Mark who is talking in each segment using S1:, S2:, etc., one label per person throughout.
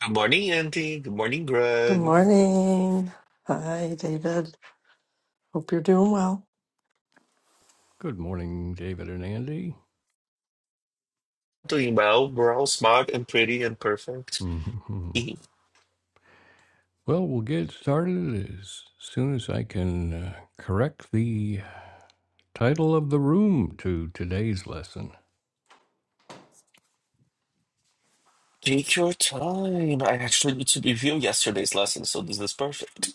S1: Good morning, Andy. Good morning,
S2: Good
S1: Greg.
S2: morning. Hi, David. Hope you're doing well.
S3: Good morning, David and Andy.
S1: Doing well. We're all smart and pretty and perfect.
S3: Mhm.
S1: E-
S3: Well, we'll get started as soon as I can uh, correct the title of the room to today's lesson
S1: Take your time. I actually need to review yesterday's lesson, so this is perfect.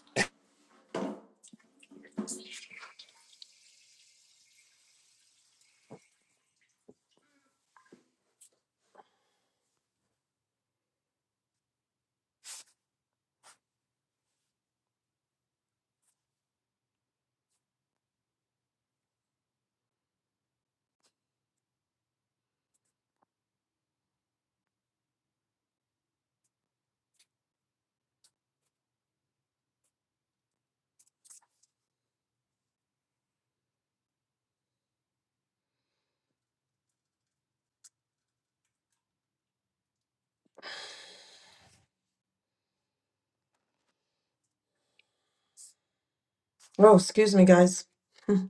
S2: Oh, excuse me, guys. Didn't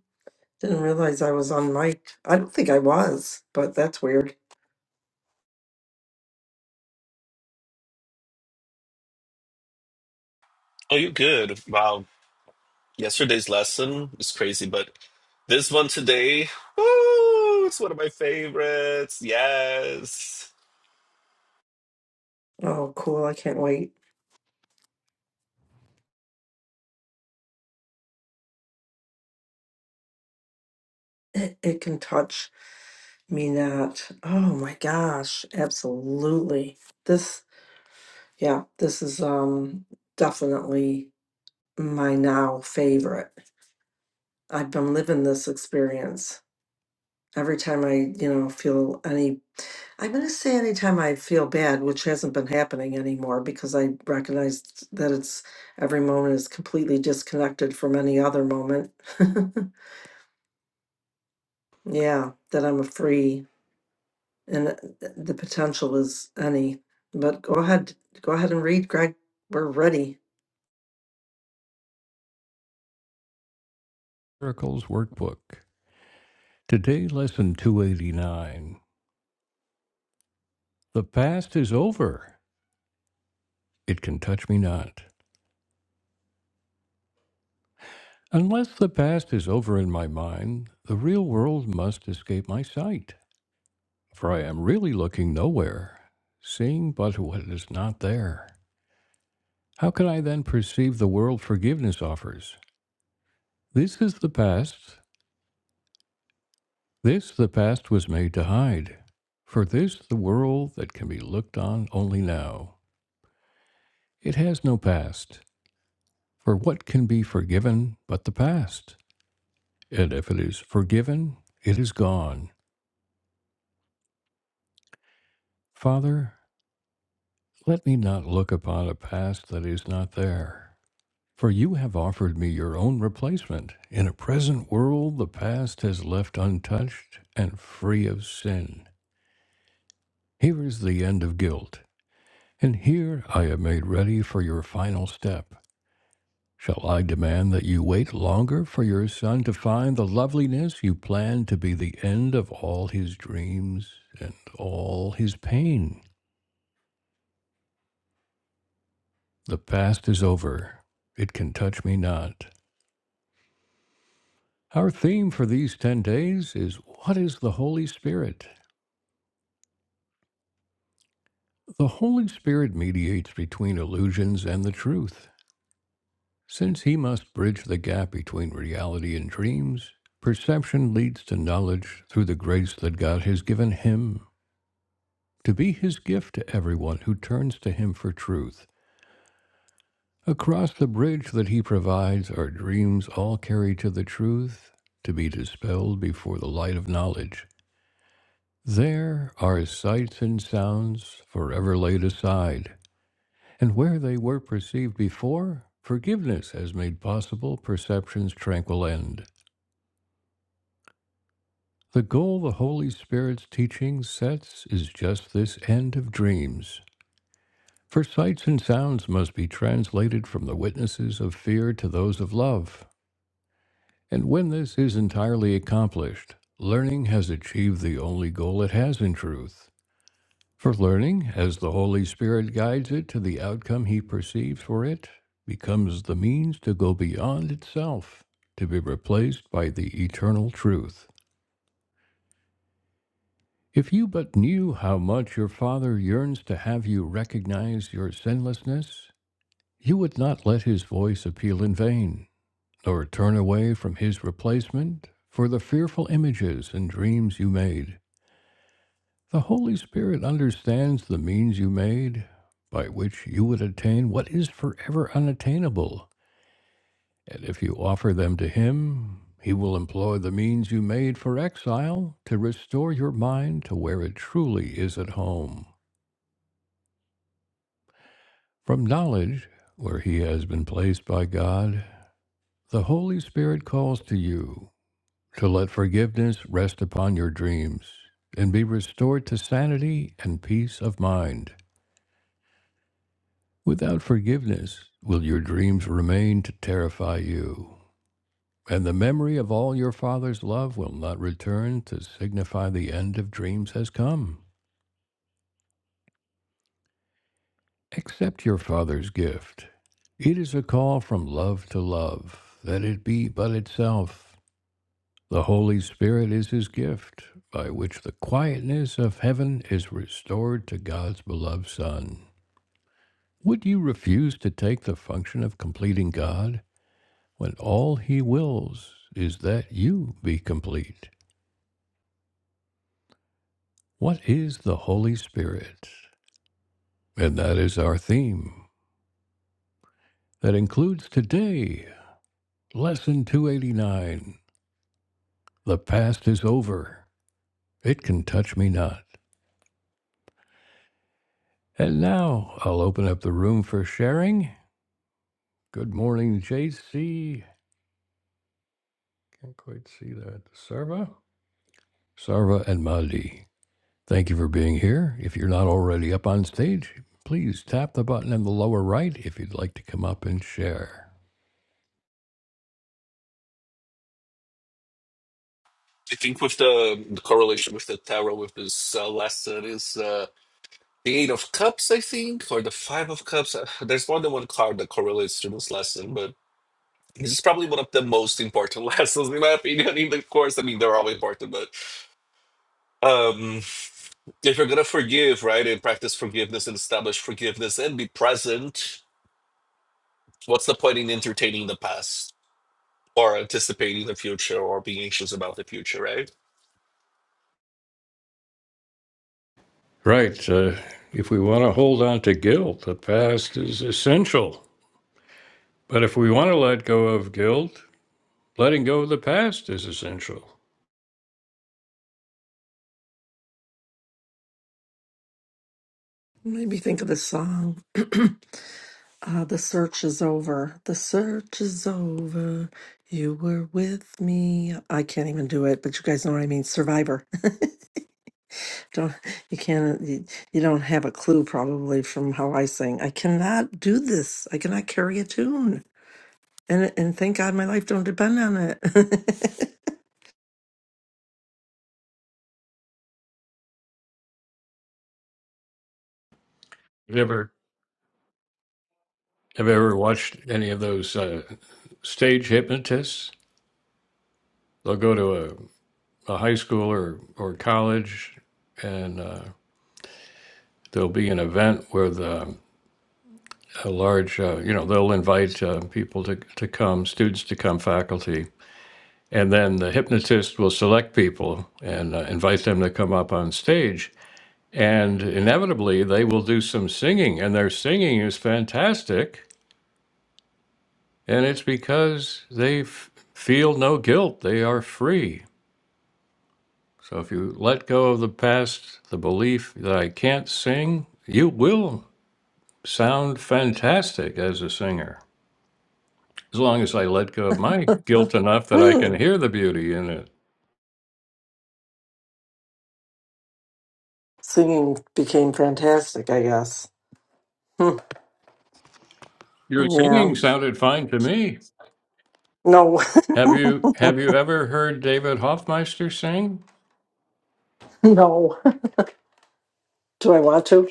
S2: realize I was on mic. I don't think I was, but that's weird.
S1: Oh, you're good. Wow. Yesterday's lesson is crazy, but this one today, woo, it's one of my favorites. Yes.
S2: Oh, cool. I can't wait. It, it can touch me not. Oh my gosh. Absolutely. This, yeah, this is um definitely my now favorite. I've been living this experience every time I, you know, feel any, I'm going to say anytime I feel bad, which hasn't been happening anymore because I recognize that it's every moment is completely disconnected from any other moment. yeah, that I'm a free and th- the potential is any. But go ahead, go ahead and read, Greg. We're ready.
S3: Miracles Workbook. Today, lesson 289 The past is over. It can touch me not. Unless the past is over in my mind, the real world must escape my sight, for I am really looking nowhere, seeing but what is not there. How can I then perceive the world forgiveness offers? This is the past. This the past was made to hide. For this the world that can be looked on only now. It has no past. For what can be forgiven but the past? And if it is forgiven, it is gone. Father, let me not look upon a past that is not there. For you have offered me your own replacement. In a present world, the past has left untouched and free of sin. Here is the end of guilt, and here I am made ready for your final step. Shall I demand that you wait longer for your son to find the loveliness you planned to be the end of all his dreams and all his pain? The past is over. It can touch me not. Our theme for these 10 days is What is the Holy Spirit? The Holy Spirit mediates between illusions and the truth. Since he must bridge the gap between reality and dreams, perception leads to knowledge through the grace that God has given him to be his gift to everyone who turns to him for truth. Across the bridge that he provides are dreams all carried to the truth, to be dispelled before the light of knowledge. There are sights and sounds forever laid aside, and where they were perceived before, forgiveness has made possible perception's tranquil end. The goal the Holy Spirit's teaching sets is just this end of dreams. For sights and sounds must be translated from the witnesses of fear to those of love. And when this is entirely accomplished, learning has achieved the only goal it has in truth. For learning, as the Holy Spirit guides it to the outcome he perceives for it, becomes the means to go beyond itself, to be replaced by the eternal truth. If you but knew how much your Father yearns to have you recognize your sinlessness, you would not let his voice appeal in vain, nor turn away from his replacement for the fearful images and dreams you made. The Holy Spirit understands the means you made by which you would attain what is forever unattainable, and if you offer them to him, he will employ the means you made for exile to restore your mind to where it truly is at home. From knowledge, where he has been placed by God, the Holy Spirit calls to you to let forgiveness rest upon your dreams and be restored to sanity and peace of mind. Without forgiveness, will your dreams remain to terrify you, and the memory of all your Father's love will not return to signify the end of dreams has come. Accept your Father's gift. It is a call from love to love, that it be but itself, The Holy Spirit is his gift, by which the quietness of heaven is restored to God's beloved Son. Would you refuse to take the function of completing God when all he wills is that you be complete? What is the Holy Spirit? And that is our theme. That includes today, Lesson 289 The Past is Over. It Can Touch Me Not. And now I'll open up the room for sharing. Good morning, JC. Can't quite see that. Sarva? Sarva and Madi. Thank you for being here. If you're not already up on stage, please tap the button in the lower right if you'd like to come up and share.
S1: I think with the, the correlation with the tarot with this uh, lesson is uh, the Eight of Cups, I think, or the Five of Cups. Uh, There's more than one card that correlates to this lesson, but This is probably one of the most important lessons, in my opinion, in the course. I mean, they're all important, but um, if you're gonna forgive, right, and practice forgiveness and establish forgiveness and be present, what's the point in entertaining the past or anticipating the future or being anxious about the future, right?
S3: Right. Uh, if we want to hold on to guilt, the past is essential. But if we want to let go of guilt, letting go of the past is essential.
S2: Made me think of this song. Ah, the search is over. The search is over. You were with me. I can't even do it, but you guys know what I mean. Survivor. Don't you can't you, you don't have a clue probably from how I sing. I cannot do this. I cannot carry a tune. And and thank God my life don't depend on it.
S3: Have you ever, have you ever watched any of those uh, stage hypnotists? They'll go to a a high school or, or college, and uh, there'll be an event with um, a large, uh, you know, they'll invite uh, people to, to come, students to come, faculty. And then the hypnotist will select people and uh, invite them to come up on stage. And inevitably, they will do some singing, and their singing is fantastic. And it's because they f- feel no guilt, they are free. So if you let go of the past, the belief that I can't sing, you will sound fantastic as a singer, as long as I let go of my guilt enough that I
S2: Hmm.
S3: can hear the beauty in it.
S2: Singing became fantastic, I guess. Hmm.
S3: Your
S2: Yeah.
S3: singing sounded fine to me.
S2: No.
S3: Have you have you ever heard David Hoffmeister sing?
S2: no. Do I want to?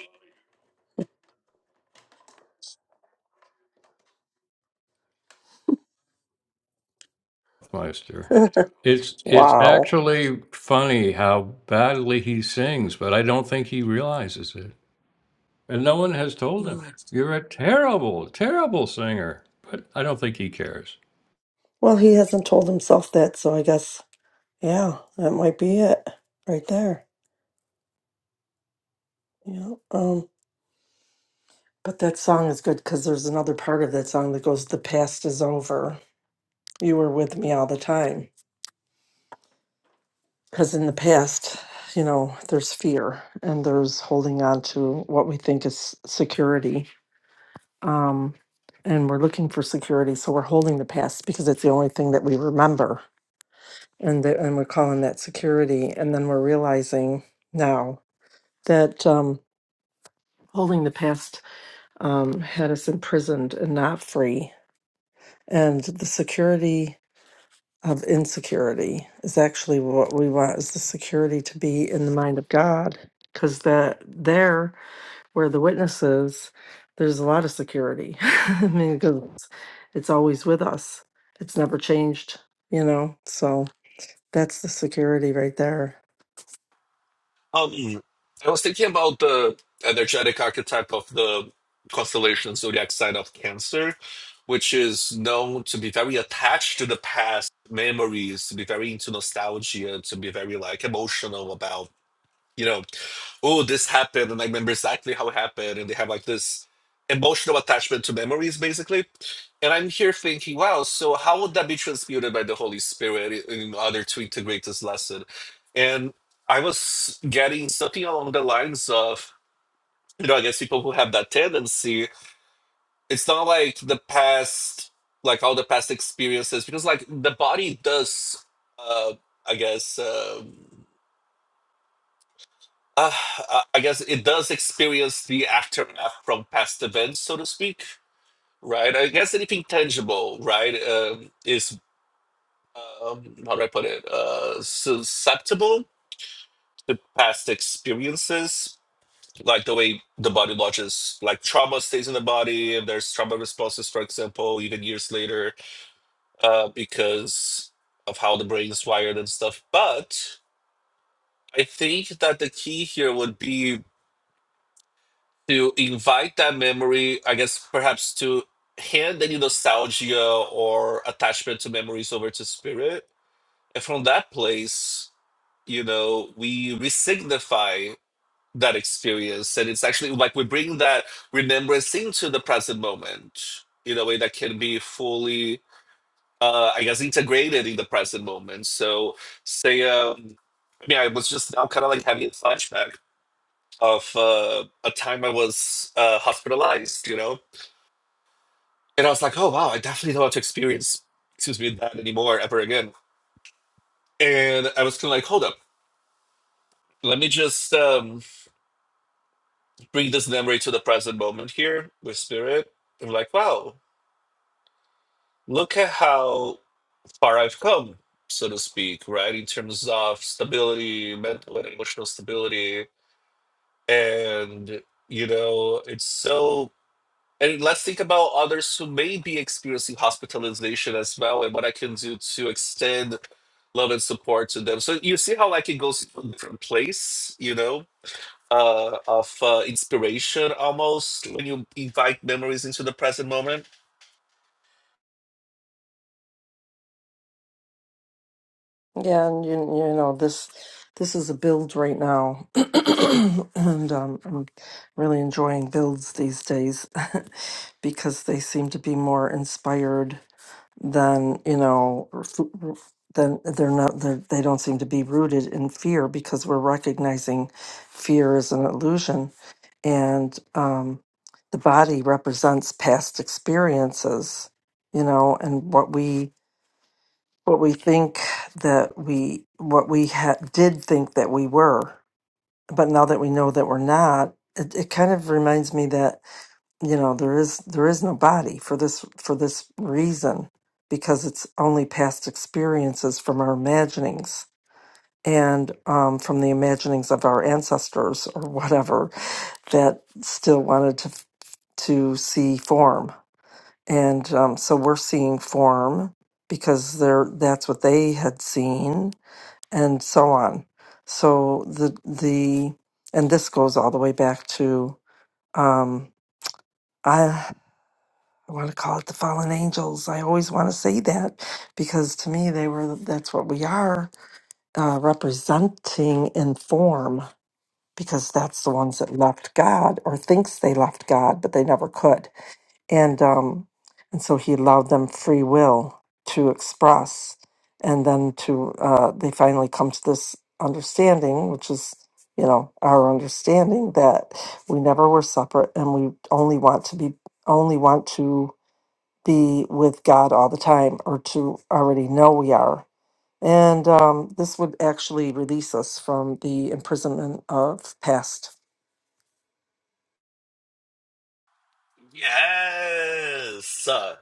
S3: Hoffmeister. It's it's
S2: wow.
S3: actually funny how badly he sings, but I don't think he realizes it. And no one has told him. You're a terrible, terrible singer. But I don't think he cares.
S2: Well, he hasn't told himself that, so I guess, yeah, that might be it right there. Yeah. Um, but that song is good because there's another part of that song that goes, The past is over. You were with me all the time. Because in the past, you know, there's fear and there's holding on to what we think is security. Um, and we're looking for security. So we're holding the past because it's the only thing that we remember. And, the, and we're calling that security. And then we're realizing now that um. holding the past um, had us imprisoned and not free. And the security of insecurity is actually what we want is the security to be in the mind of God. Because that there where the witness is, there's a lot of security. I mean, because it's always with us. It's never changed, you know. So that's the security right there.
S1: Um, I was thinking about the energetic archetype of the constellation zodiac sign of Cancer, which is known to be very attached to the past memories, to be very into nostalgia, to be very like emotional about you know, oh, this happened, and I remember exactly how it happened, and they have like this emotional attachment to memories, basically. And I'm here thinking, wow, so how would that be transmuted by the Holy Spirit in in order to integrate this lesson? And I was getting something along the lines of, you know, I guess people who have that tendency, it's not like the past, like all the past experiences, because like the body does, uh, I guess. Um, Uh, I I guess it does experience the aftermath from past events, so to speak, right? I guess anything tangible, right, um, is, um, how do I put it, uh, susceptible to past experiences, like the way the body lodges, like trauma stays in the body, and there's trauma responses, for example, even years later, uh, because of how the brain is wired and stuff. But I think that the key here would be. to invite that memory, I guess perhaps to hand any nostalgia or attachment to memories over to spirit. And from that place, you know, we resignify that experience. And it's actually like we bring that remembrance into the present moment in a way that can be fully, uh, I guess, integrated in the present moment. So, say, um, I mean, I was just now kind of like having a flashback of uh, a time I was uh, hospitalized, you know, And I was like, oh wow, I definitely don't want to experience, excuse me, that anymore ever again. And I was kind of like, hold up, let me just um, bring this memory to the present moment here with spirit. And like, wow, look at how far I've come, so to speak, right? In terms of stability, mental and emotional stability. And, you know, it's so And let's think about others who may be experiencing hospitalization as well, and what I can do to extend love and support to them. So you see how like it goes to a different place, you know, uh, of uh, inspiration almost when you invite memories into the present moment.
S2: Yeah, and you, you know this this is a build right now, and um, I'm really enjoying builds these days because they seem to be more inspired than you know r- f- r- than they're not they're, they don't seem to be rooted in fear because we're recognizing fear is an illusion and um, the body represents past experiences, you know, and what we what we think that we what we ha- did think that we were but now that we know that we're not it, it kind of reminds me that you know there is there is no body for this for this reason because it's only past experiences from our imaginings and um, from the imaginings of our ancestors or whatever that still wanted to to see form and um, so we're seeing form because they're that's what they had seen and so on. So the the and this goes all the way back to um, I, I want to call it the fallen angels. I always want to say that because to me they were that's what we are uh, representing in form because that's the ones that left God or thinks they left God but they never could and um, and so he allowed them free will to express, and then to uh, they finally come to this understanding, which is you know our understanding that we never were separate, and we only want to be only want to be with God all the time, or to already know we are. And um, this would actually release us from the imprisonment of past
S1: Yes. Uh,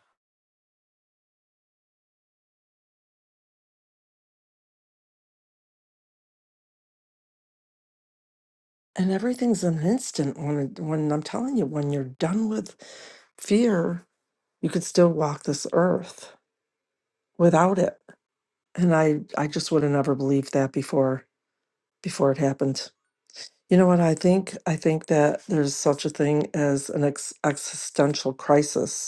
S2: and everything's an instant when it, when I'm telling you, when you're done with fear, you could still walk this earth without it. And I I just would have never believed that before before it happened. You know what I think? I think that there's such a thing as an ex- existential crisis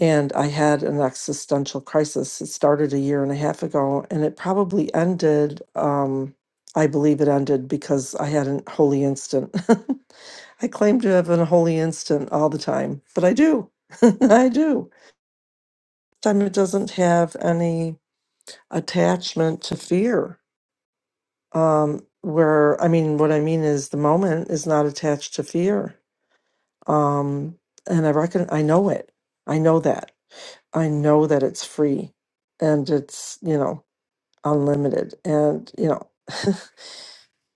S2: And I had an existential crisis. It started a year and a half ago, and it probably ended. Um, I believe it ended because I had a holy instant. I claim to have a holy instant all the time, but I do. I do. Time it doesn't have any attachment to fear. Um, where I mean, what I mean is the moment is not attached to fear. Um, and I reckon I know it. I know that. I know that it's free and it's, you know, unlimited. And, you know,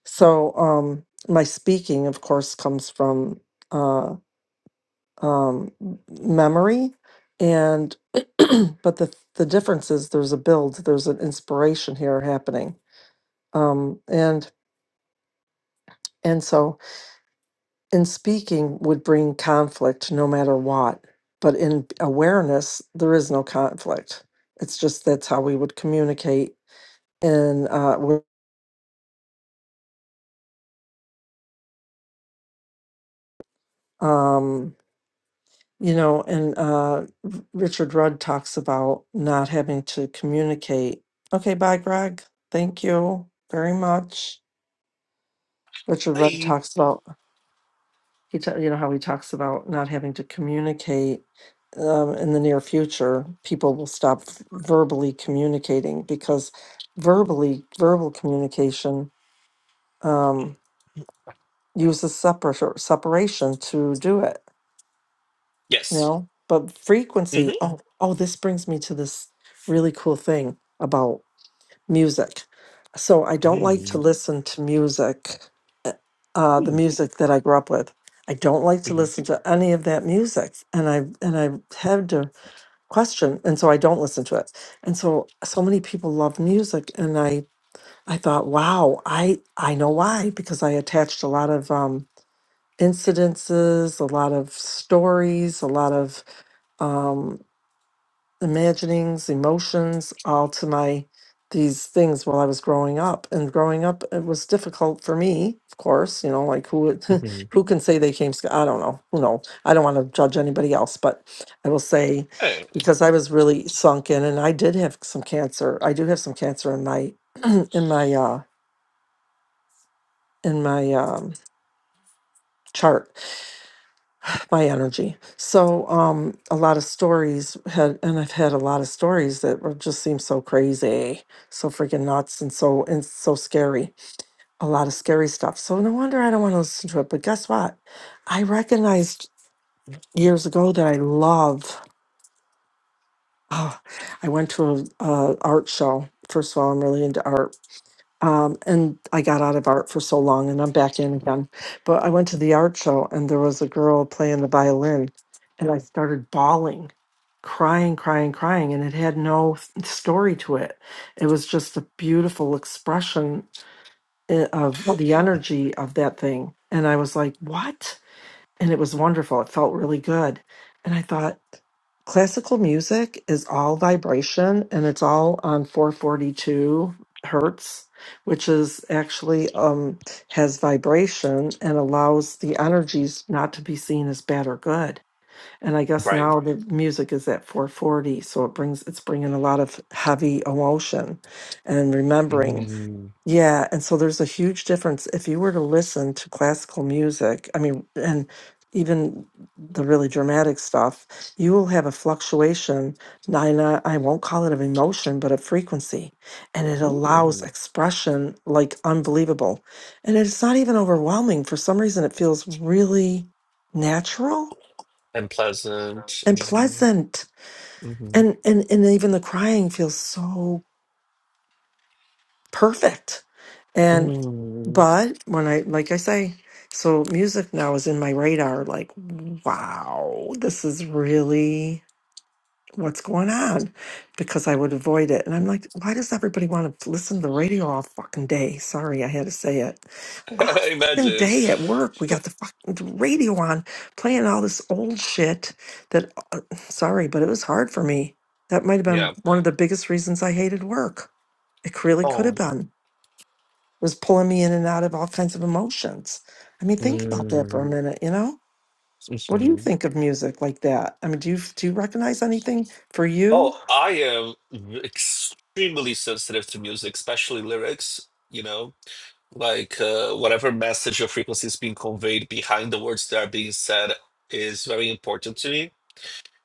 S2: so um, my speaking, of course, comes from uh, um, memory. And, but the, the difference is there's a build, there's an inspiration here happening. Um, and, and so in speaking would bring conflict no matter what. But in awareness, there is no conflict. It's just that's how we would communicate and uh, um you know and uh R- richard rudd talks about not having to communicate okay bye greg thank you very much richard rudd
S1: hey.
S2: talks about he ta- you know how he talks about not having to communicate um, in the near future people will stop f- verbally communicating because verbally verbal communication um uses separ- separation to do it you
S1: Yes.
S2: know but
S1: Mm-hmm.
S2: frequency oh oh this brings me to this really cool thing about music so i don't like to
S1: Mm-hmm.
S2: listen to music uh uh, the music that i grew up with i don't like to
S1: Mm-hmm.
S2: listen to any of that music and i and i had to question and so i don't listen to it and so so many people love music and i i thought wow i i know why because i attached a lot of um incidences a lot of stories a lot of um, imaginings, emotions, all to my these things while I was growing up. And growing up, it was difficult for me, of course. You know, like who would,
S1: Mm-hmm.
S2: who can say they came? sc- I don't know. Who knows? I don't want to judge anybody else, but I will say
S1: Hey.
S2: because I was really sunk in, and I did have some cancer. I do have some cancer in my in my uh in my um chart by energy. So um a lot of stories had and I've had a lot of stories that were just seem so crazy, so freaking nuts and so and so scary. A lot of scary stuff. So no wonder I don't want to listen to it. But guess what? I recognized years ago that I love oh, I went to a, a art show. First of all, I'm really into art Um, and I got out of art for so long and I'm back in again. But I went to the art show and there was a girl playing the violin and I started bawling, crying, crying, crying. And it had no f- story to it. It was just a beautiful expression i- of the energy of that thing. And I was like, what? and it was wonderful. It felt really good. And I thought, classical music is all vibration and it's all on 442 hertz, which is actually um, has vibration and allows the energies not to be seen as bad or good. And I guess
S1: Right.
S2: now the music is at 440, so it brings it's bringing a lot of heavy emotion and remembering
S1: Mm-hmm.
S2: yeah, and so there's a huge difference. If you were to listen to classical music, I mean, and even the really dramatic stuff, you will have a fluctuation. Nine, I won't call it an emotion, but a frequency, and it allows
S1: Mm-hmm.
S2: expression like unbelievable. And it's not even overwhelming. For some reason, it feels really natural
S1: And pleasant. You
S2: and
S1: know.
S2: pleasant.
S1: Mm-hmm.
S2: And and and even the crying feels so perfect. And
S1: Mm-hmm.
S2: but when I like I say, so music now is in my radar like wow, this is really what's going on because I would avoid it. And I'm like, why does everybody want to listen to the radio all fucking day? Sorry, I had to say it. All fucking
S1: Imagine.
S2: day at work, we got the fucking radio on playing all this old shit that uh, sorry, but it was hard for me. That might have
S1: Yeah.
S2: been one of the biggest reasons I hated work. It really could have
S1: Oh.
S2: been was pulling me in and out of all kinds of emotions. I mean, think about that for a
S1: Mm.
S2: minute, you know? What do you
S1: Mhm.
S2: think of music like that? I mean, do you do you recognize anything for
S1: Oh,
S2: you?
S1: I am extremely sensitive to music, especially lyrics, you know, like uh, whatever message or frequency is being conveyed behind the words that are being said is very important to me.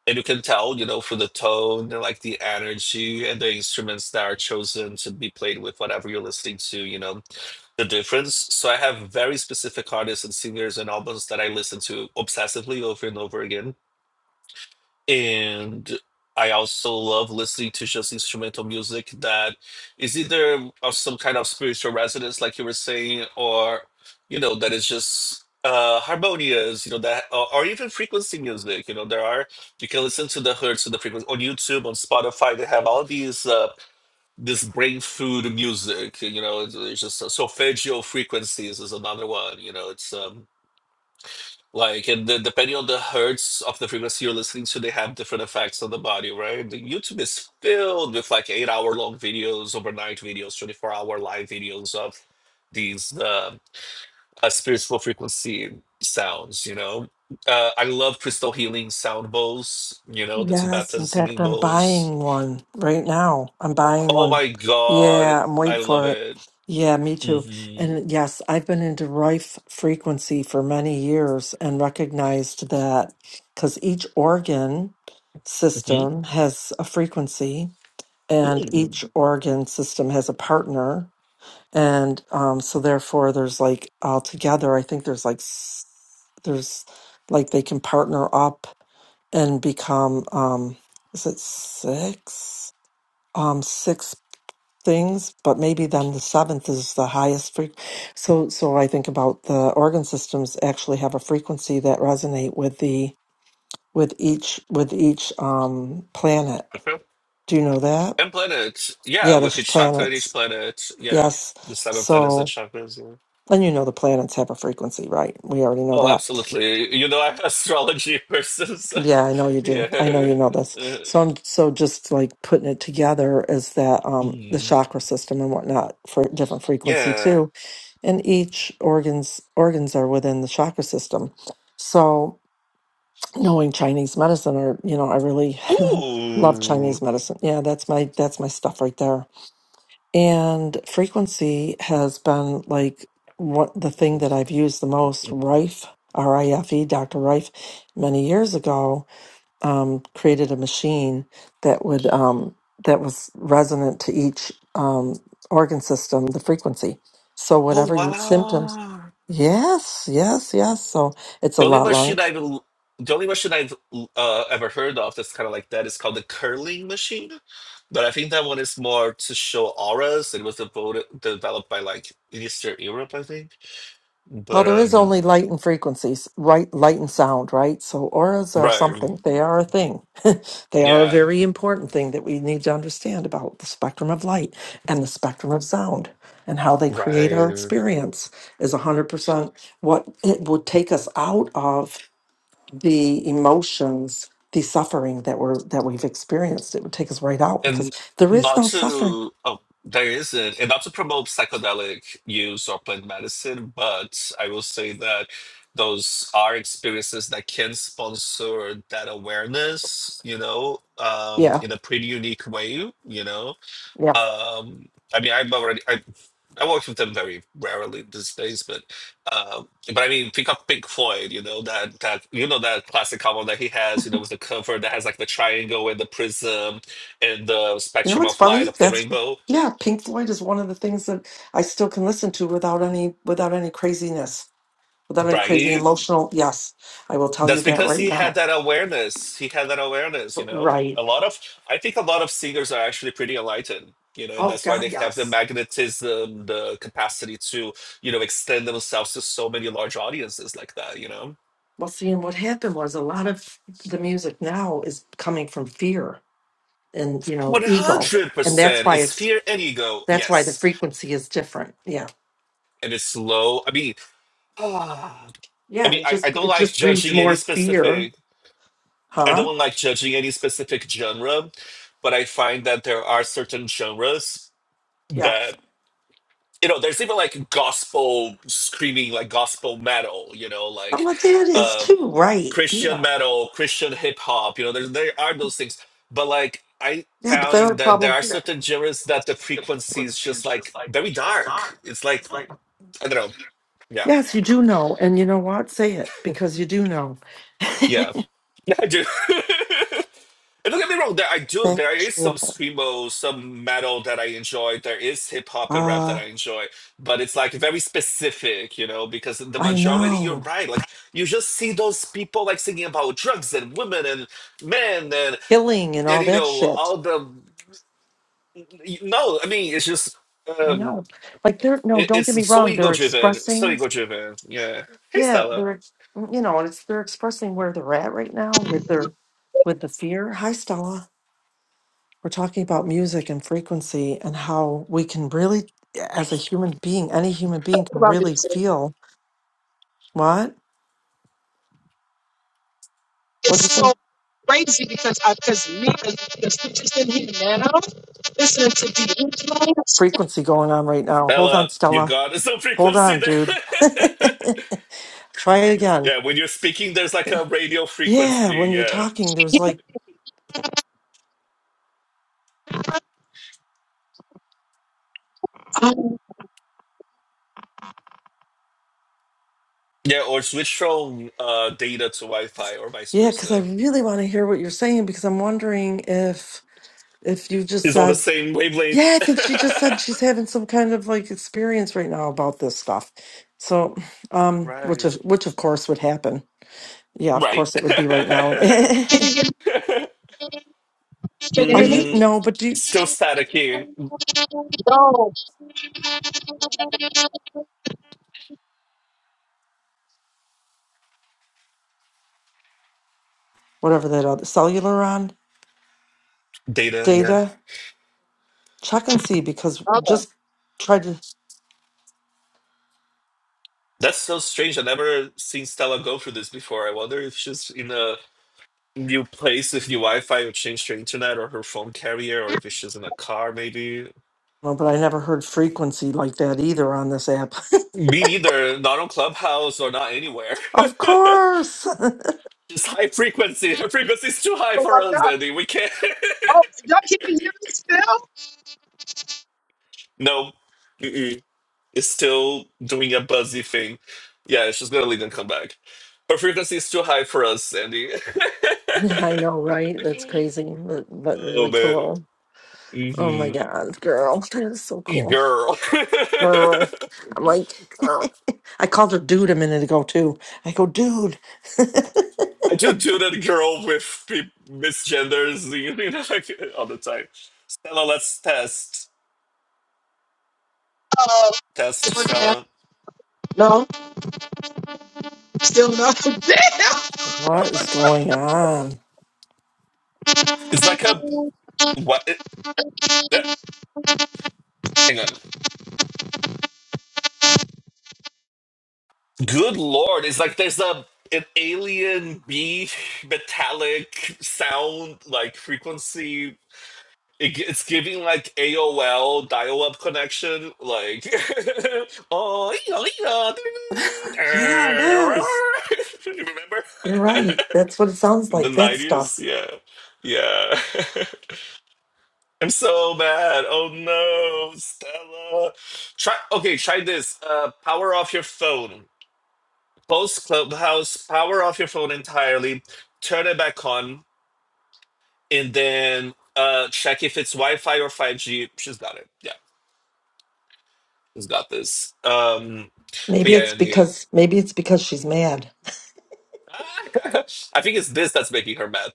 S1: And you can tell, you know, through the tone and like the energy and the instruments that are chosen to be played with whatever you're listening to, you know. the difference. So I have very specific artists and singers and albums that I listen to obsessively over and over again. And I also love listening to just instrumental music that is either of some kind of spiritual resonance, like you were saying, or you know, that is just uh harmonious, you know, that or, or even frequency music. You know, there are you can listen to the hertz of the frequency on YouTube, on Spotify, they have all these uh this brain food music you know it's, it's just so, solfeggio frequencies is another one you know it's um like and then depending on the hertz of the frequency you're listening to they have different effects on the body right The youtube is filled with like eight hour long videos overnight videos 24 hour live videos of these uh, uh spiritual frequency sounds you know uh, i love crystal healing sound bowls you know the
S2: Yes,
S1: tibetan
S2: in fact,
S1: singing
S2: I'm
S1: bowls
S2: buying one right now. I'm buying
S1: oh
S2: one.
S1: my god
S2: Yeah, I'm
S1: i
S2: waiting
S1: love
S2: for it.
S1: it
S2: Yeah, me too.
S1: Mhm.
S2: And yes, I've been into rife frequency for many years and recognized that because each organ
S1: Mhm.
S2: system has a frequency and
S1: Mm.
S2: each organ system has a partner and um, so therefore there's like altogether i think there's like s- there's like they can partner up and become um is it six um six things but maybe then the seventh is the highest frequency so so i think about the organ systems actually have a frequency that resonate with the with each with each um planet
S1: Okay.
S2: do you know that
S1: And planets. Yeah,
S2: yeah
S1: with
S2: there's
S1: each chakra, each
S2: planets
S1: planet. Yeah.
S2: Yes.
S1: The seven planets and
S2: So,
S1: chakras. Yeah.
S2: and you know the planets have a frequency, right? We already know
S1: Oh,
S2: that.
S1: absolutely. You know, I'm an astrology person. So
S2: Yeah, I know you do. I know
S1: yeah.
S2: you know this.
S1: Uh,
S2: So I'm so just like putting it together is that um the
S1: Mm.
S2: chakra system and whatnot for different frequency
S1: Yeah.
S2: too. And each organs organs are within the chakra system. So knowing Chinese medicine or you know, I really love Chinese
S1: Ooh.
S2: medicine. Yeah, that's my that's my stuff right there. And frequency has been like what the thing that I've used the most. Rife, R I F E, Dr. Rife, many years ago, um, created a machine that would um, that was resonant to each um, organ system, the frequency. So
S1: Oh,
S2: whatever you, symptoms,
S1: wow.
S2: yes, yes, yes. So it's a
S1: The only
S2: lot long.
S1: machine I've the only machine I've uh, ever heard of that's kind of like that is called the curling machine. But I think that one is more to show auras. It was devoted, developed by like Eastern Europe, I think.
S2: Well,
S1: But
S2: there is
S1: um,
S2: only light and frequencies, right? Light and sound, right? So auras are
S1: right,
S2: something. They are a thing. they are a
S1: yeah,
S2: very important thing that we need to understand about the spectrum of light and the spectrum of sound and how they create our
S1: right,
S2: experience is 100% what it would take us out of the emotions, the suffering that we're that we've experienced. It would take us right out because
S1: and
S2: there is
S1: not
S2: no suffering.
S1: to oh, there isn't, and not to promote psychedelic use or plant medicine. But I will say that those are experiences that can sponsor that awareness, you know, um,
S2: Yeah.
S1: in a pretty unique way, you know.
S2: yeah.
S1: Um, I mean, I'm already. I, I work with them very rarely these days, but uh, but I mean, think of Pink Floyd. You know that that you know that classic album that he has. You know with the cover that has like the triangle and the prism and the
S2: You know
S1: spectrum
S2: what's
S1: of light
S2: funny?
S1: of the
S2: That's
S1: rainbow.
S2: yeah, Pink Floyd is one of the things that I still can listen to without any without any craziness, without any crazy
S1: Right.
S2: emotional. Yes, I will tell you
S1: That's
S2: that
S1: because
S2: right
S1: he had
S2: now.
S1: that awareness. He had that awareness. You know, a
S2: Right.
S1: lot of I think a lot of singers are actually pretty enlightened. You know, and
S2: Oh
S1: that's why
S2: God,
S1: they have the
S2: yes.
S1: magnetism, the capacity to you know extend themselves to so many large audiences like that. You know
S2: Well, see, and what happened was a lot of the music now is coming from fear and you know
S1: One
S2: ego,
S1: hundred
S2: and that's
S1: percent.
S2: why
S1: It's
S2: it's
S1: fear and ego.
S2: that's why the
S1: Yes,
S2: frequency is different. Yeah.
S1: and it's low. I mean, ah, I
S2: Yeah,
S1: mean,
S2: it
S1: I, I
S2: just
S1: don't
S2: it
S1: like
S2: just breeds
S1: judging any
S2: more fear,
S1: specific. I
S2: huh?
S1: don't like judging any specific genre, but I find that there are certain genres
S2: Yeah,
S1: that you know. There's even like gospel screaming, like gospel metal. You know, like.
S2: some of that is
S1: Um,
S2: too, right? Yeah
S1: Christian metal, Christian hip hop. You know, there there are those things, but like I
S2: Yeah, but they're
S1: found
S2: a
S1: that there
S2: problem.
S1: are certain genres that the frequency is just like very dark. It's like I don't know. Yeah,
S2: Yes, you do know. And you know what? Say it because you do know.
S1: yeah, I do. and don't get me wrong, there I do. There is some
S2: Factual.
S1: screamo, some metal that I enjoy. There is hip hop and rap that
S2: Uh,
S1: I enjoy, but it's like very specific, you know, because the
S2: I
S1: majority, you're
S2: know.
S1: right. Like you just see those people like singing about drugs and women and men and
S2: Killing and
S1: and
S2: all
S1: you
S2: that
S1: know
S2: shit.
S1: all the No, I mean it's just
S2: I
S1: um
S2: know. Like they're no,
S1: it,
S2: don't
S1: it's
S2: get me
S1: so
S2: wrong,
S1: ego
S2: they're
S1: driven, so
S2: expressing
S1: ego driven. Yeah. Hey
S2: yeah,
S1: Stella.
S2: they're ex- mm, you know, and it's they're expressing where they're at right now with their with the fear. Hi Stella. We're talking about music and frequency and how we can really as a human being, any human being can
S4: about it.
S2: really feel What? What'd
S4: It's
S2: you
S4: so
S2: say?
S4: crazy because I, because me as the teachers in here now, listening to the influence.
S2: Frequency going on right now. Hold on,
S1: Stella, you
S2: Stella.
S1: got some
S2: Hold
S1: frequency
S2: on,
S1: there.
S2: dude. Try it again.
S1: yeah, when you're speaking there's like a radio
S2: Yeah,
S1: frequency,
S2: when you're
S1: yeah.
S2: talking, there's like,
S4: Um,
S1: Yeah, or switch from uh data to Wi Fi or vice
S2: yeah, because I
S1: versa.
S2: really want to hear what you're saying because I'm wondering if if you just
S1: It's on the
S2: said,
S1: same wavelength.
S2: yeah, I think she just said she's having some kind of like experience right now about this stuff. So, um, which
S1: Right.
S2: of which of course would happen. Yeah, of
S1: Right.
S2: course it would be right now.
S4: can you hear me? Can you
S2: Are
S4: hear me?
S2: you
S1: mm,
S2: no, but do you,
S1: still static here.
S4: No,
S2: whatever that other cellular on
S1: Data, yeah.
S2: data? Check and see because
S4: brother.
S2: just tried to,
S1: That's so strange. i never seen Stella go through this before. I wonder if she's in a You place if your Wi-Fi will change to internet or her phone carrier, or if she's in a car, maybe.
S2: well, but I never heard frequency like that either on this app.
S1: Me neither. Not on Clubhouse or not anywhere.
S2: of course.
S1: Just high frequency. Her frequency is too high
S4: Oh my
S1: for us,
S4: God.
S1: Andy. We can't.
S4: Oh, y'all can't hear me still?
S1: no, Mm-mm. it's still doing a buzzy thing. Yeah, she's gonna leave and come back. Her frequency is too high for us, Andy.
S2: I know, right? That's crazy, but, but
S1: oh
S2: really
S1: man.
S2: cool. Oh my
S1: Mm-hmm.
S2: God, girl. That is so cool.
S1: Girl.
S2: Girl. I'm like, I called her dude a minute ago too. I go, dude,
S1: I do do that girl with pe- misgenders, you know, like all the time. Stella, let's test.
S4: Uh,
S1: Test, Stella.
S4: no, still no. Damn. The
S2: what is going on?
S1: It's like a what? It, that- hang on. Good lord! It's like there's a an alien B metallic sound like frequency. It, gi- it's giving like AOL dial-up connection, like oh, yeah, yeah.
S2: Yeah, it is.
S1: remember?
S2: You're right. That's what it sounds
S1: The
S2: like. That
S1: 90s,
S2: stuff.
S1: yeah. Yeah. I'm so bad. Oh no, Stella. Try okay, try this. Uh power off your phone. Post Clubhouse, power off your phone entirely, turn it back on, and then uh check if it's Wi-Fi or 5G. She's got it. Yeah, she's got this. Um but
S2: Maybe it's
S1: yeah, the
S2: because maybe it's because she's mad.
S1: I think it's this that's making her mad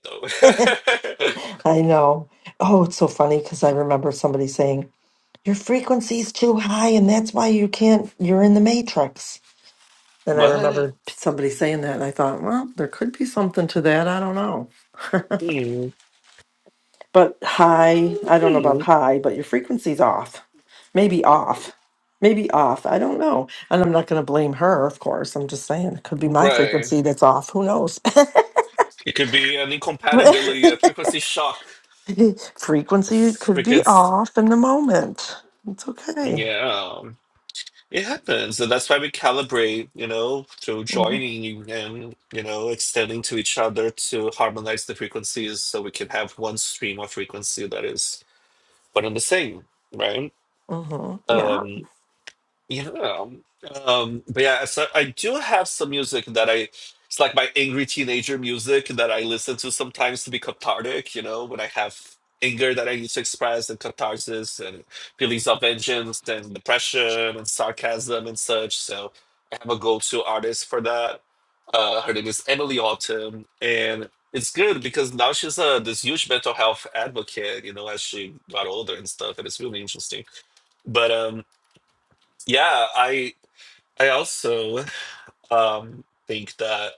S1: though.
S2: I know. Oh, it's so funny because I remember somebody saying, Your frequency's too high, and that's why you can't, you're in the matrix. And I
S1: what? Uh,
S2: remember somebody saying that, and I thought, Well, there could be something to that. I don't know. But high, I don't know about high, but your frequency's off. Maybe off. Maybe off. I don't know. And I'm not going to blame her, of course. I'm just saying it could be my
S1: Right.
S2: frequency that's off. Who knows?
S1: It could be an incompatibility, a frequency shock, a
S2: Frequency could be
S1: frequency.
S2: off in the moment. It's okay.
S1: Yeah, um, it happens, and that's why we calibrate. You know, through
S2: hmm
S1: joining and you know extending to each other to harmonize the frequencies, so we can have one stream of frequency that is one and the same, right?
S2: hmm Yeah.
S1: Um, Yeah. Um, but yeah, so I do have some music that I, it's like my angry teenager music that I listen to sometimes to be cathartic, you know, when I have anger that I need to express and catharsis and feelings of vengeance and depression and sarcasm and such. So I have a go-to artist for that. Uh, her name is Emily Autumn, and it's good because now she's a this huge mental health advocate, you know, as she got older and stuff, and it's really interesting. But um yeah, I I also um, think that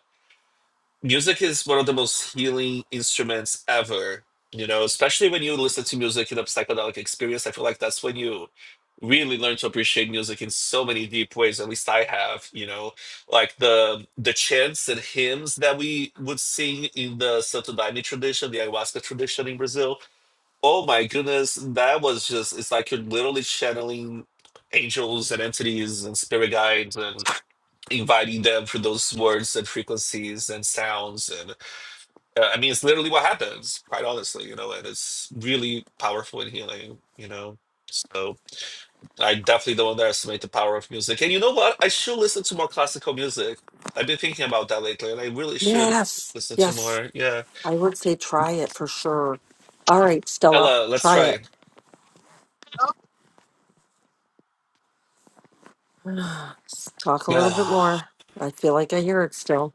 S1: music is one of the most healing instruments ever. You know, especially when you listen to music in a psychedelic experience, I feel like that's when you really learn to appreciate music in so many deep ways. At least I have. You know, like the the chants and hymns that we would sing in the Santo Daime tradition, the ayahuasca tradition in Brazil. Oh my goodness, that was just—it's like you're literally channeling angels and entities and spirit guides and inviting them for those words and frequencies and sounds and uh, i mean it's literally what happens quite honestly you know and it's really powerful and healing you know so i definitely don't underestimate the power of music and you know what i should listen to more classical music i've been thinking about that lately and i really should
S2: Yes,
S1: listen to
S2: yes.
S1: more yeah
S2: I would say try it for sure. All right, Stella,
S1: ella let's
S2: try
S1: try
S2: it. Talk a
S1: you
S2: little bit more. I feel like I hear it still.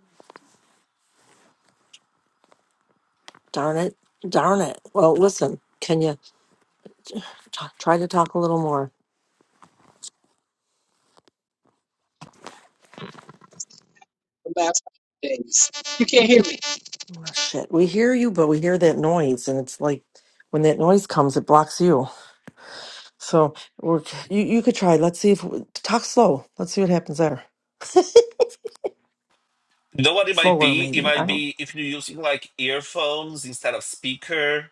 S2: Darn it. Darn it. Well, listen, can you t- try to talk a little more?
S4: last couple days, you can't hear me.
S2: Oh, shit. We hear you, but we hear that noise. And it's like when that noise comes, it blocks you. So we're you, you could try. Let's see if talk slow. Let's see what happens there.
S1: know what it might
S2: Slower,
S1: be it
S2: maybe. I
S1: might
S2: don't.
S1: be if you're using like earphones instead of speaker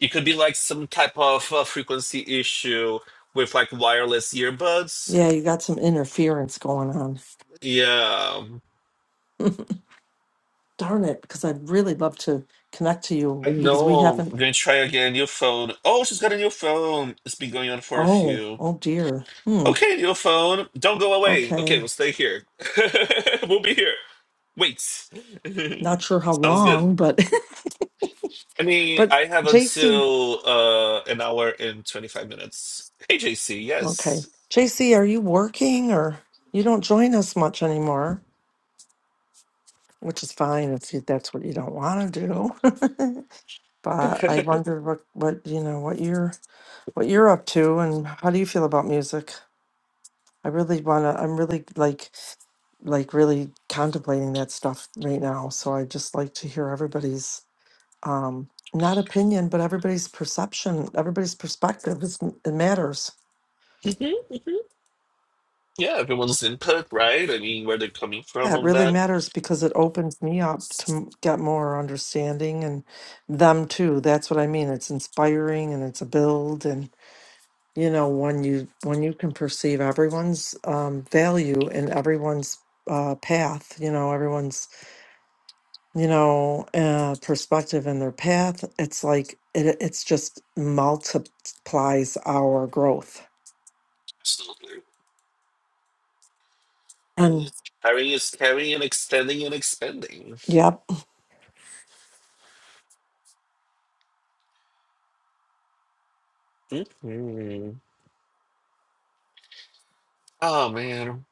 S1: it could be like some type of uh, frequency issue with like wireless earbuds.
S2: Yeah, you got some interference going on.
S1: Yeah,
S2: Darn it! Because I'd really love to connect to
S1: I
S2: you because we
S1: know. I'm
S2: haven't.
S1: gonna try again. New phone. Oh, she's got a new phone. It's been going on for a
S2: Oh,
S1: few.
S2: oh dear. Hmm.
S1: Okay, new phone. Don't go away. Okay, we'll
S2: Okay.
S1: stay here. we'll be here. Wait.
S2: Not sure how
S1: Sounds good.
S2: long, but
S1: I mean,
S2: but
S1: I have
S2: JC.
S1: until uh, an hour and 25 minutes. Hey, JC.
S2: Okay,
S1: Yes.
S2: JC, are you working or you don't join us much anymore? Which is fine if you, that's what you don't want to do. But I wonder what, what, you know, what you're, what you're up to and how do you feel about music? I really wanna, I'm really like, like really contemplating that stuff right now. So I just like to hear everybody's, um, not opinion, but everybody's perception, everybody's perspective is, it matters.
S1: hmm hmm Yeah, everyone's input, right? I mean, where they're coming from
S2: Yeah, It
S1: on
S2: really
S1: that.
S2: matters because it opens me up to m- get more understanding and them too. That's what I mean. It's inspiring and it's a build and. you know when you when you can perceive everyone's um value and everyone's uh path you know everyone's you know uh perspective in their path it's like it it's just multiplies our growth
S1: Absolutely.
S2: and
S1: Harry is carrying and extending and expanding.
S2: yep
S1: Mhm. Oh man.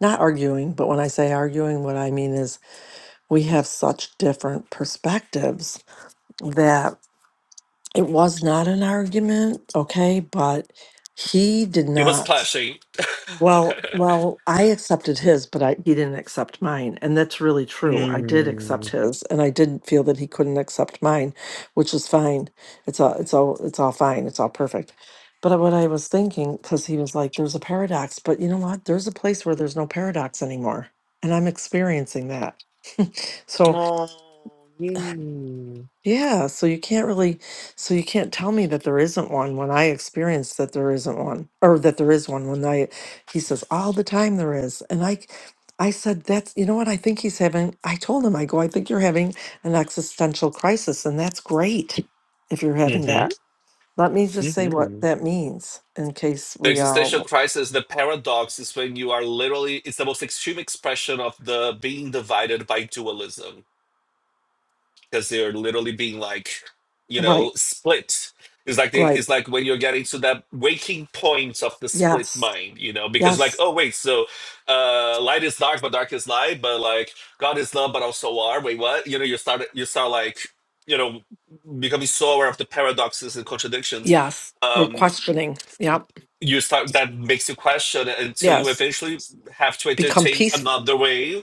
S2: not arguing but when i say arguing what i mean is we have such different perspectives that it was not an argument okay but he did
S1: It was
S2: not
S1: clashing.
S2: Well, well, I accepted his, but I he didn't accept mine, and that's really true. I did accept
S1: mm.
S2: his, and I didn't feel that he couldn't accept mine, which is fine. It's all, it's all, it's all fine. It's all perfect. But what I was thinking, because he was like, "There's a paradox," but you know what? There's a place where there's no paradox anymore, and I'm experiencing that. So.
S1: Oh, mm.
S2: Yeah, so you can't really, so you can't tell me that there isn't one when I experience that there isn't one, or that there is one when I, he says all the time there is. And I, I said, that's, you know what, I think he's having, I told him, I go, I think you're having an existential crisis, and that's great if you're having
S1: Mm-hmm.
S2: that. Let me just say what
S1: Mm-hmm.
S2: that means in case
S1: The
S2: we
S1: existential
S2: all,
S1: crisis, the paradox is when you are literally, it's the most extreme expression of the being divided by dualism because they're literally being like, you know,
S2: right,
S1: split. It's like they,
S2: right.
S1: it's like when you're getting to that waking point of the split
S2: Yes,
S1: mind, you know, because like,
S2: yes,
S1: oh wait, so uh light is dark, but dark is light, but like God is love, but also are. Wait, what? You know, you start you start like, you know, becoming so aware of the paradoxes and contradictions.
S2: yes. We're
S1: Um
S2: questioning. Yep,
S1: you start that makes you question until you
S2: yes.
S1: eventually have to
S2: Become
S1: entertain
S2: peaceful.
S1: another way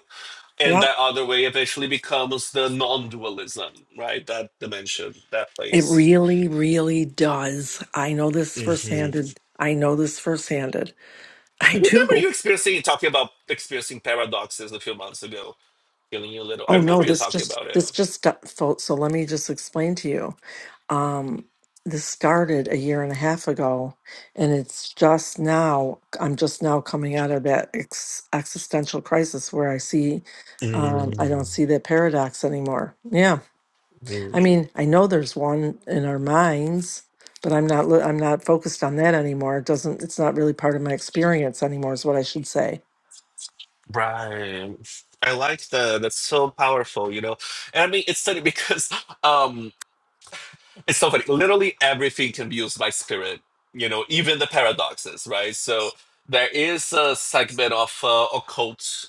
S1: and
S2: yep.
S1: that other way eventually becomes the non-dualism right that dimension that
S2: It
S1: place
S2: really, really does. I know this
S1: hmm
S2: firsthand. I know this firsthand.
S1: i
S2: I
S1: remember
S2: do.
S1: you experiencing talking about experiencing paradoxes a few months ago feeling you a little i
S2: Oh no,
S1: remember you
S2: this
S1: talking
S2: just
S1: about it
S2: this just got so, so let me just explain to you. Um this started a year and a half ago and it's just now I'm just now coming out of that ex- existential crisis where I see um
S1: Mhm.
S2: I don't see that paradox anymore. Yeah. I mean, I know there's one in our minds, but I'm not li- I'm not focused on that anymore. It doesn't it's not really part of my experience anymore is what I should say.
S1: right i like that that's so powerful you know and i mean it's funny because um it's so funny literally everything can be used by spirit you know even the paradoxes right so there is a segment of uh, occult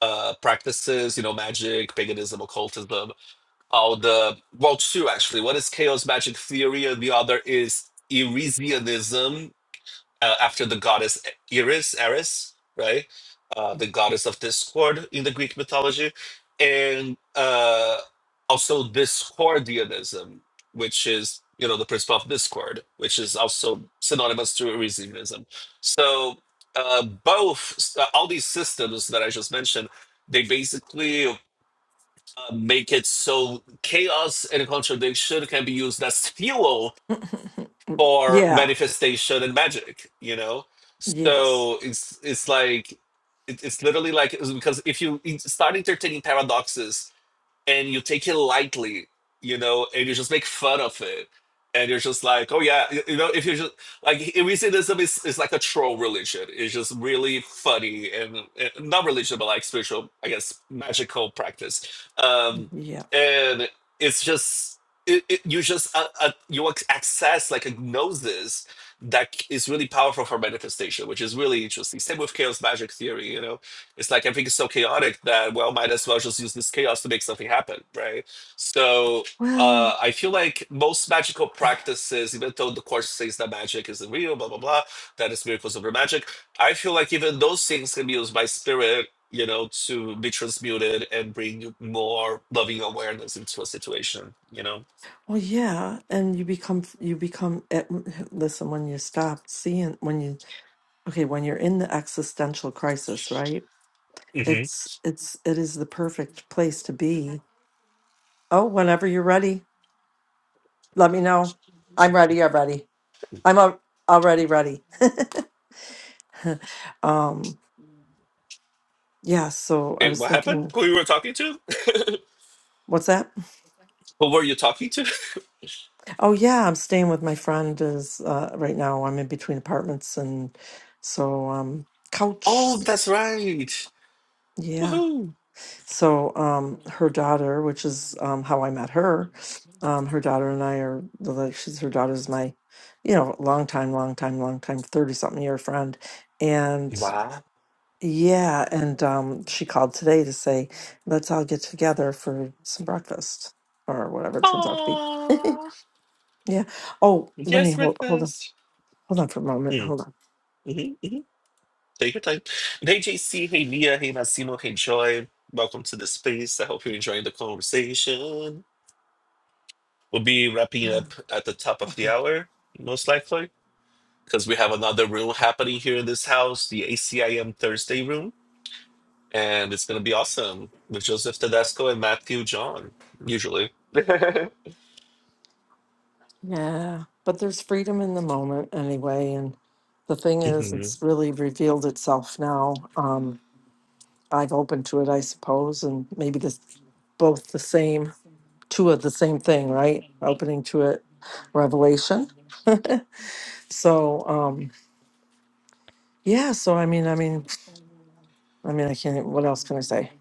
S1: uh, practices, you know, magic, paganism, occultism. Oh, the well, two actually. One is chaos magic theory, and the other is Irisianism, uh, after the goddess Iris, Eris, right? Uh, the goddess of discord in the Greek mythology, and uh, also Discordianism, which is you know the principle of discord, which is also synonymous to Elysianism. So uh, both uh, all these systems that I just mentioned, they basically uh, make it so chaos and contradiction can be used as fuel for
S2: yeah.
S1: manifestation and magic you know
S2: Yes.
S1: so it's it's like it, it's literally like because if you start entertaining paradoxes and you take it lightly, you know, and you just make fun of it. And you're just like, oh yeah, you, you know, if you just like Irresidism is, is like a troll religion. It's just really funny and, and not religion, but like spiritual, I guess, magical practice. Um,
S2: Yeah.
S1: and it's just it, it, you just uh, uh, you ac- access like a gnosis that c- is really powerful for manifestation, which is really interesting. Same with chaos magic theory, you know it's like everything is so chaotic that well, might as well just use this chaos to make something happen, right? So
S2: Well,
S1: uh, I feel like most magical practices, even though the course says that magic isn't real, blah blah blah, that is miracles over magic. I feel like even those things can be used by spirit, you know, to be transmuted and bring more loving awareness into a situation, you know.
S2: well yeah, and you become you become at, listen when you stop seeing when you okay, when you're in the existential crisis, right?
S1: hmm
S2: It's it's it is the perfect place to be. Oh, whenever you're ready, let me know. I'm ready already. I'm al- already ready. um, yeah, so I
S1: Okay,
S2: was
S1: what happened?
S2: thinking,
S1: Who you were talking to?
S2: what's that?
S1: Who were you talking to?
S2: Oh, yeah, I'm staying with my friend is uh, right now. I'm in between apartments and so um, couch.
S1: Oh, that's right.
S2: Yeah.
S1: Woohoo!
S2: So um, her daughter, which is um, how I met her, um, her daughter and I are like she's her daughter's my, you know, long time, long time, long time, thirty something year friend, and.
S1: Wow.
S2: Yeah, and um, she called today to say, let's all get together for some breakfast or whatever it turns out to be.
S1: Aww.
S2: Yeah. Oh, let me
S1: Yes,
S2: hold hold on.
S1: breakfast.
S2: Hold on for a moment.
S1: Mm,
S2: Hold on.
S1: hmm hmm Take your time. And Hey, JC. Hey, Nia. Hey, Massimo. Hey, Joy. Welcome to the space. I hope you're enjoying the conversation. We'll be wrapping up at the top of the
S2: Okay.
S1: hour, most likely, because we have another room happening here in this house, the ACIM Thursday room. And it's going to be awesome with Joseph Tedesco and Matthew John, usually.
S2: Yeah, but there's freedom in the moment anyway, and the thing is, it's really revealed itself now. Um, I've opened to it, I suppose, and maybe this both the same, two of the same thing, right? Opening to it, revelation. So, um, Yeah, so I mean, I mean, I mean, I can't. What else can I say?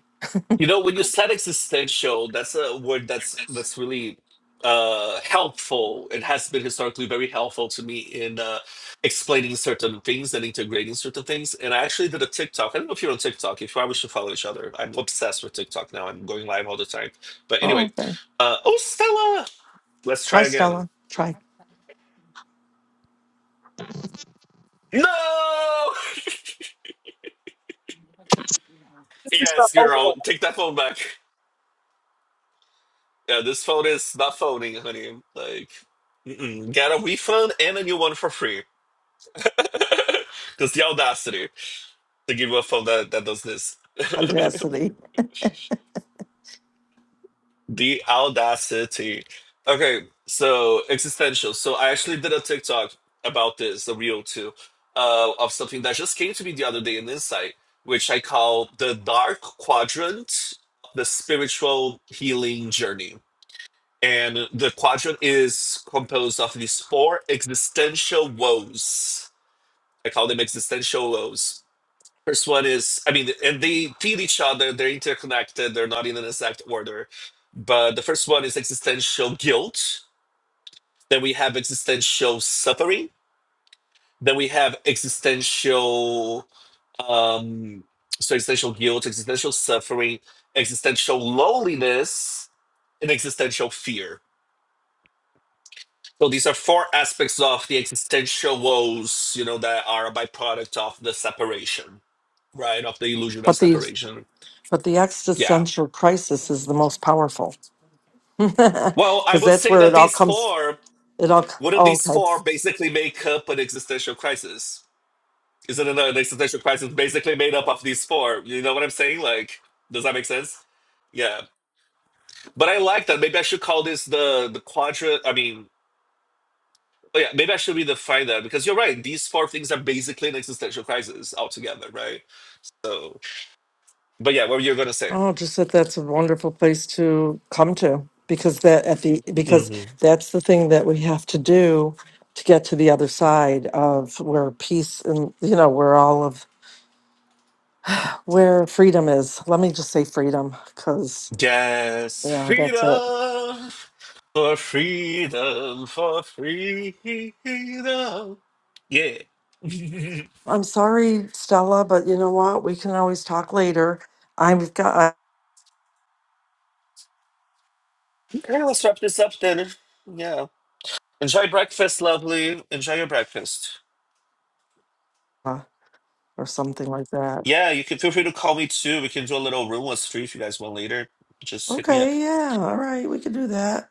S1: You know, when you said existential, that's a word that's that's really uh helpful. It has been historically very helpful to me in uh explaining certain things and integrating certain things. And I actually did a TikTok. I don't know if you're on TikTok. If you are, we should follow each other. I'm obsessed with TikTok now. I'm going live all the time. But
S2: Oh,
S1: anyway,
S2: okay.
S1: uh oh Stella, let's try
S2: Try
S1: again.
S2: Stella. Try
S1: No!
S4: This is the
S1: Yes,
S4: overall.
S1: girl, take that phone back. Yeah, this phone is not phoning, honey. Like, mm-mm. get a refund and a new one for free. Because the audacity to give a phone that, that does this.
S2: audacity.
S1: the audacity. Okay, so existential. So I actually did a TikTok about this, a reel too, uh, of something that just came to me the other day in Insight, which I call the dark quadrant, the spiritual healing journey. And the quadrant is composed of these four existential woes. I call them existential woes First one is, I mean, and they feed each other, they're interconnected, they're not in an exact order. But the first one is existential guilt, then we have existential suffering, then we have existential, um, so existential guilt, existential suffering, existential loneliness, and existential fear. So these are four aspects of the existential woes, you know, that are a byproduct of the separation, right? Of the illusion of
S2: But the
S1: separation.
S2: but the
S1: Yeah
S2: existential crisis is the most powerful
S1: Well, I
S2: because
S1: would
S2: that's
S1: say
S2: where
S1: that
S2: it all
S1: these
S2: comes.
S1: four,
S2: It all. c-
S1: wouldn't
S2: Oh,
S1: these
S2: okay.
S1: four basically make up an existential crisis? Isn't it an existential crisis basically made up of these four? You know what I'm saying? Like, does that make sense? Yeah. But I like that. Maybe I should call this the the quadra. I mean, oh yeah, maybe I should redefine that because you're right. These four things are basically an existential crisis altogether, right? So, but yeah, what were you gonna say?
S2: Oh, just that that's a wonderful place to come to because that at the because that's the thing that we have to do to get to the other side of where peace and you know where all of where freedom is. Let me just say freedom
S1: Yes,
S2: Yeah, that's it.
S1: freedom for freedom for freedom. Yeah.
S2: I'm sorry, Stella, but you know what? We can always talk later. I've got
S1: Okay, let's wrap this up then. Yeah. Enjoy breakfast, lovely. Enjoy your breakfast.
S2: uh, or something like that.
S1: Yeah, you can feel free to call me too. We can do a little room was free if you guys want later. Just hit me up.
S2: Okay, yeah. All right, we can do that.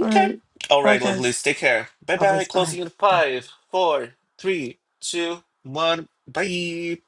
S2: All
S1: Okay.
S2: right.
S1: All
S2: Bye
S1: right,
S2: guys.
S1: lovelies. Take care. Bye bye.
S2: Lovelies. Bye.
S1: Closing in
S2: Bye.
S1: five, four, three, two, one. Bye.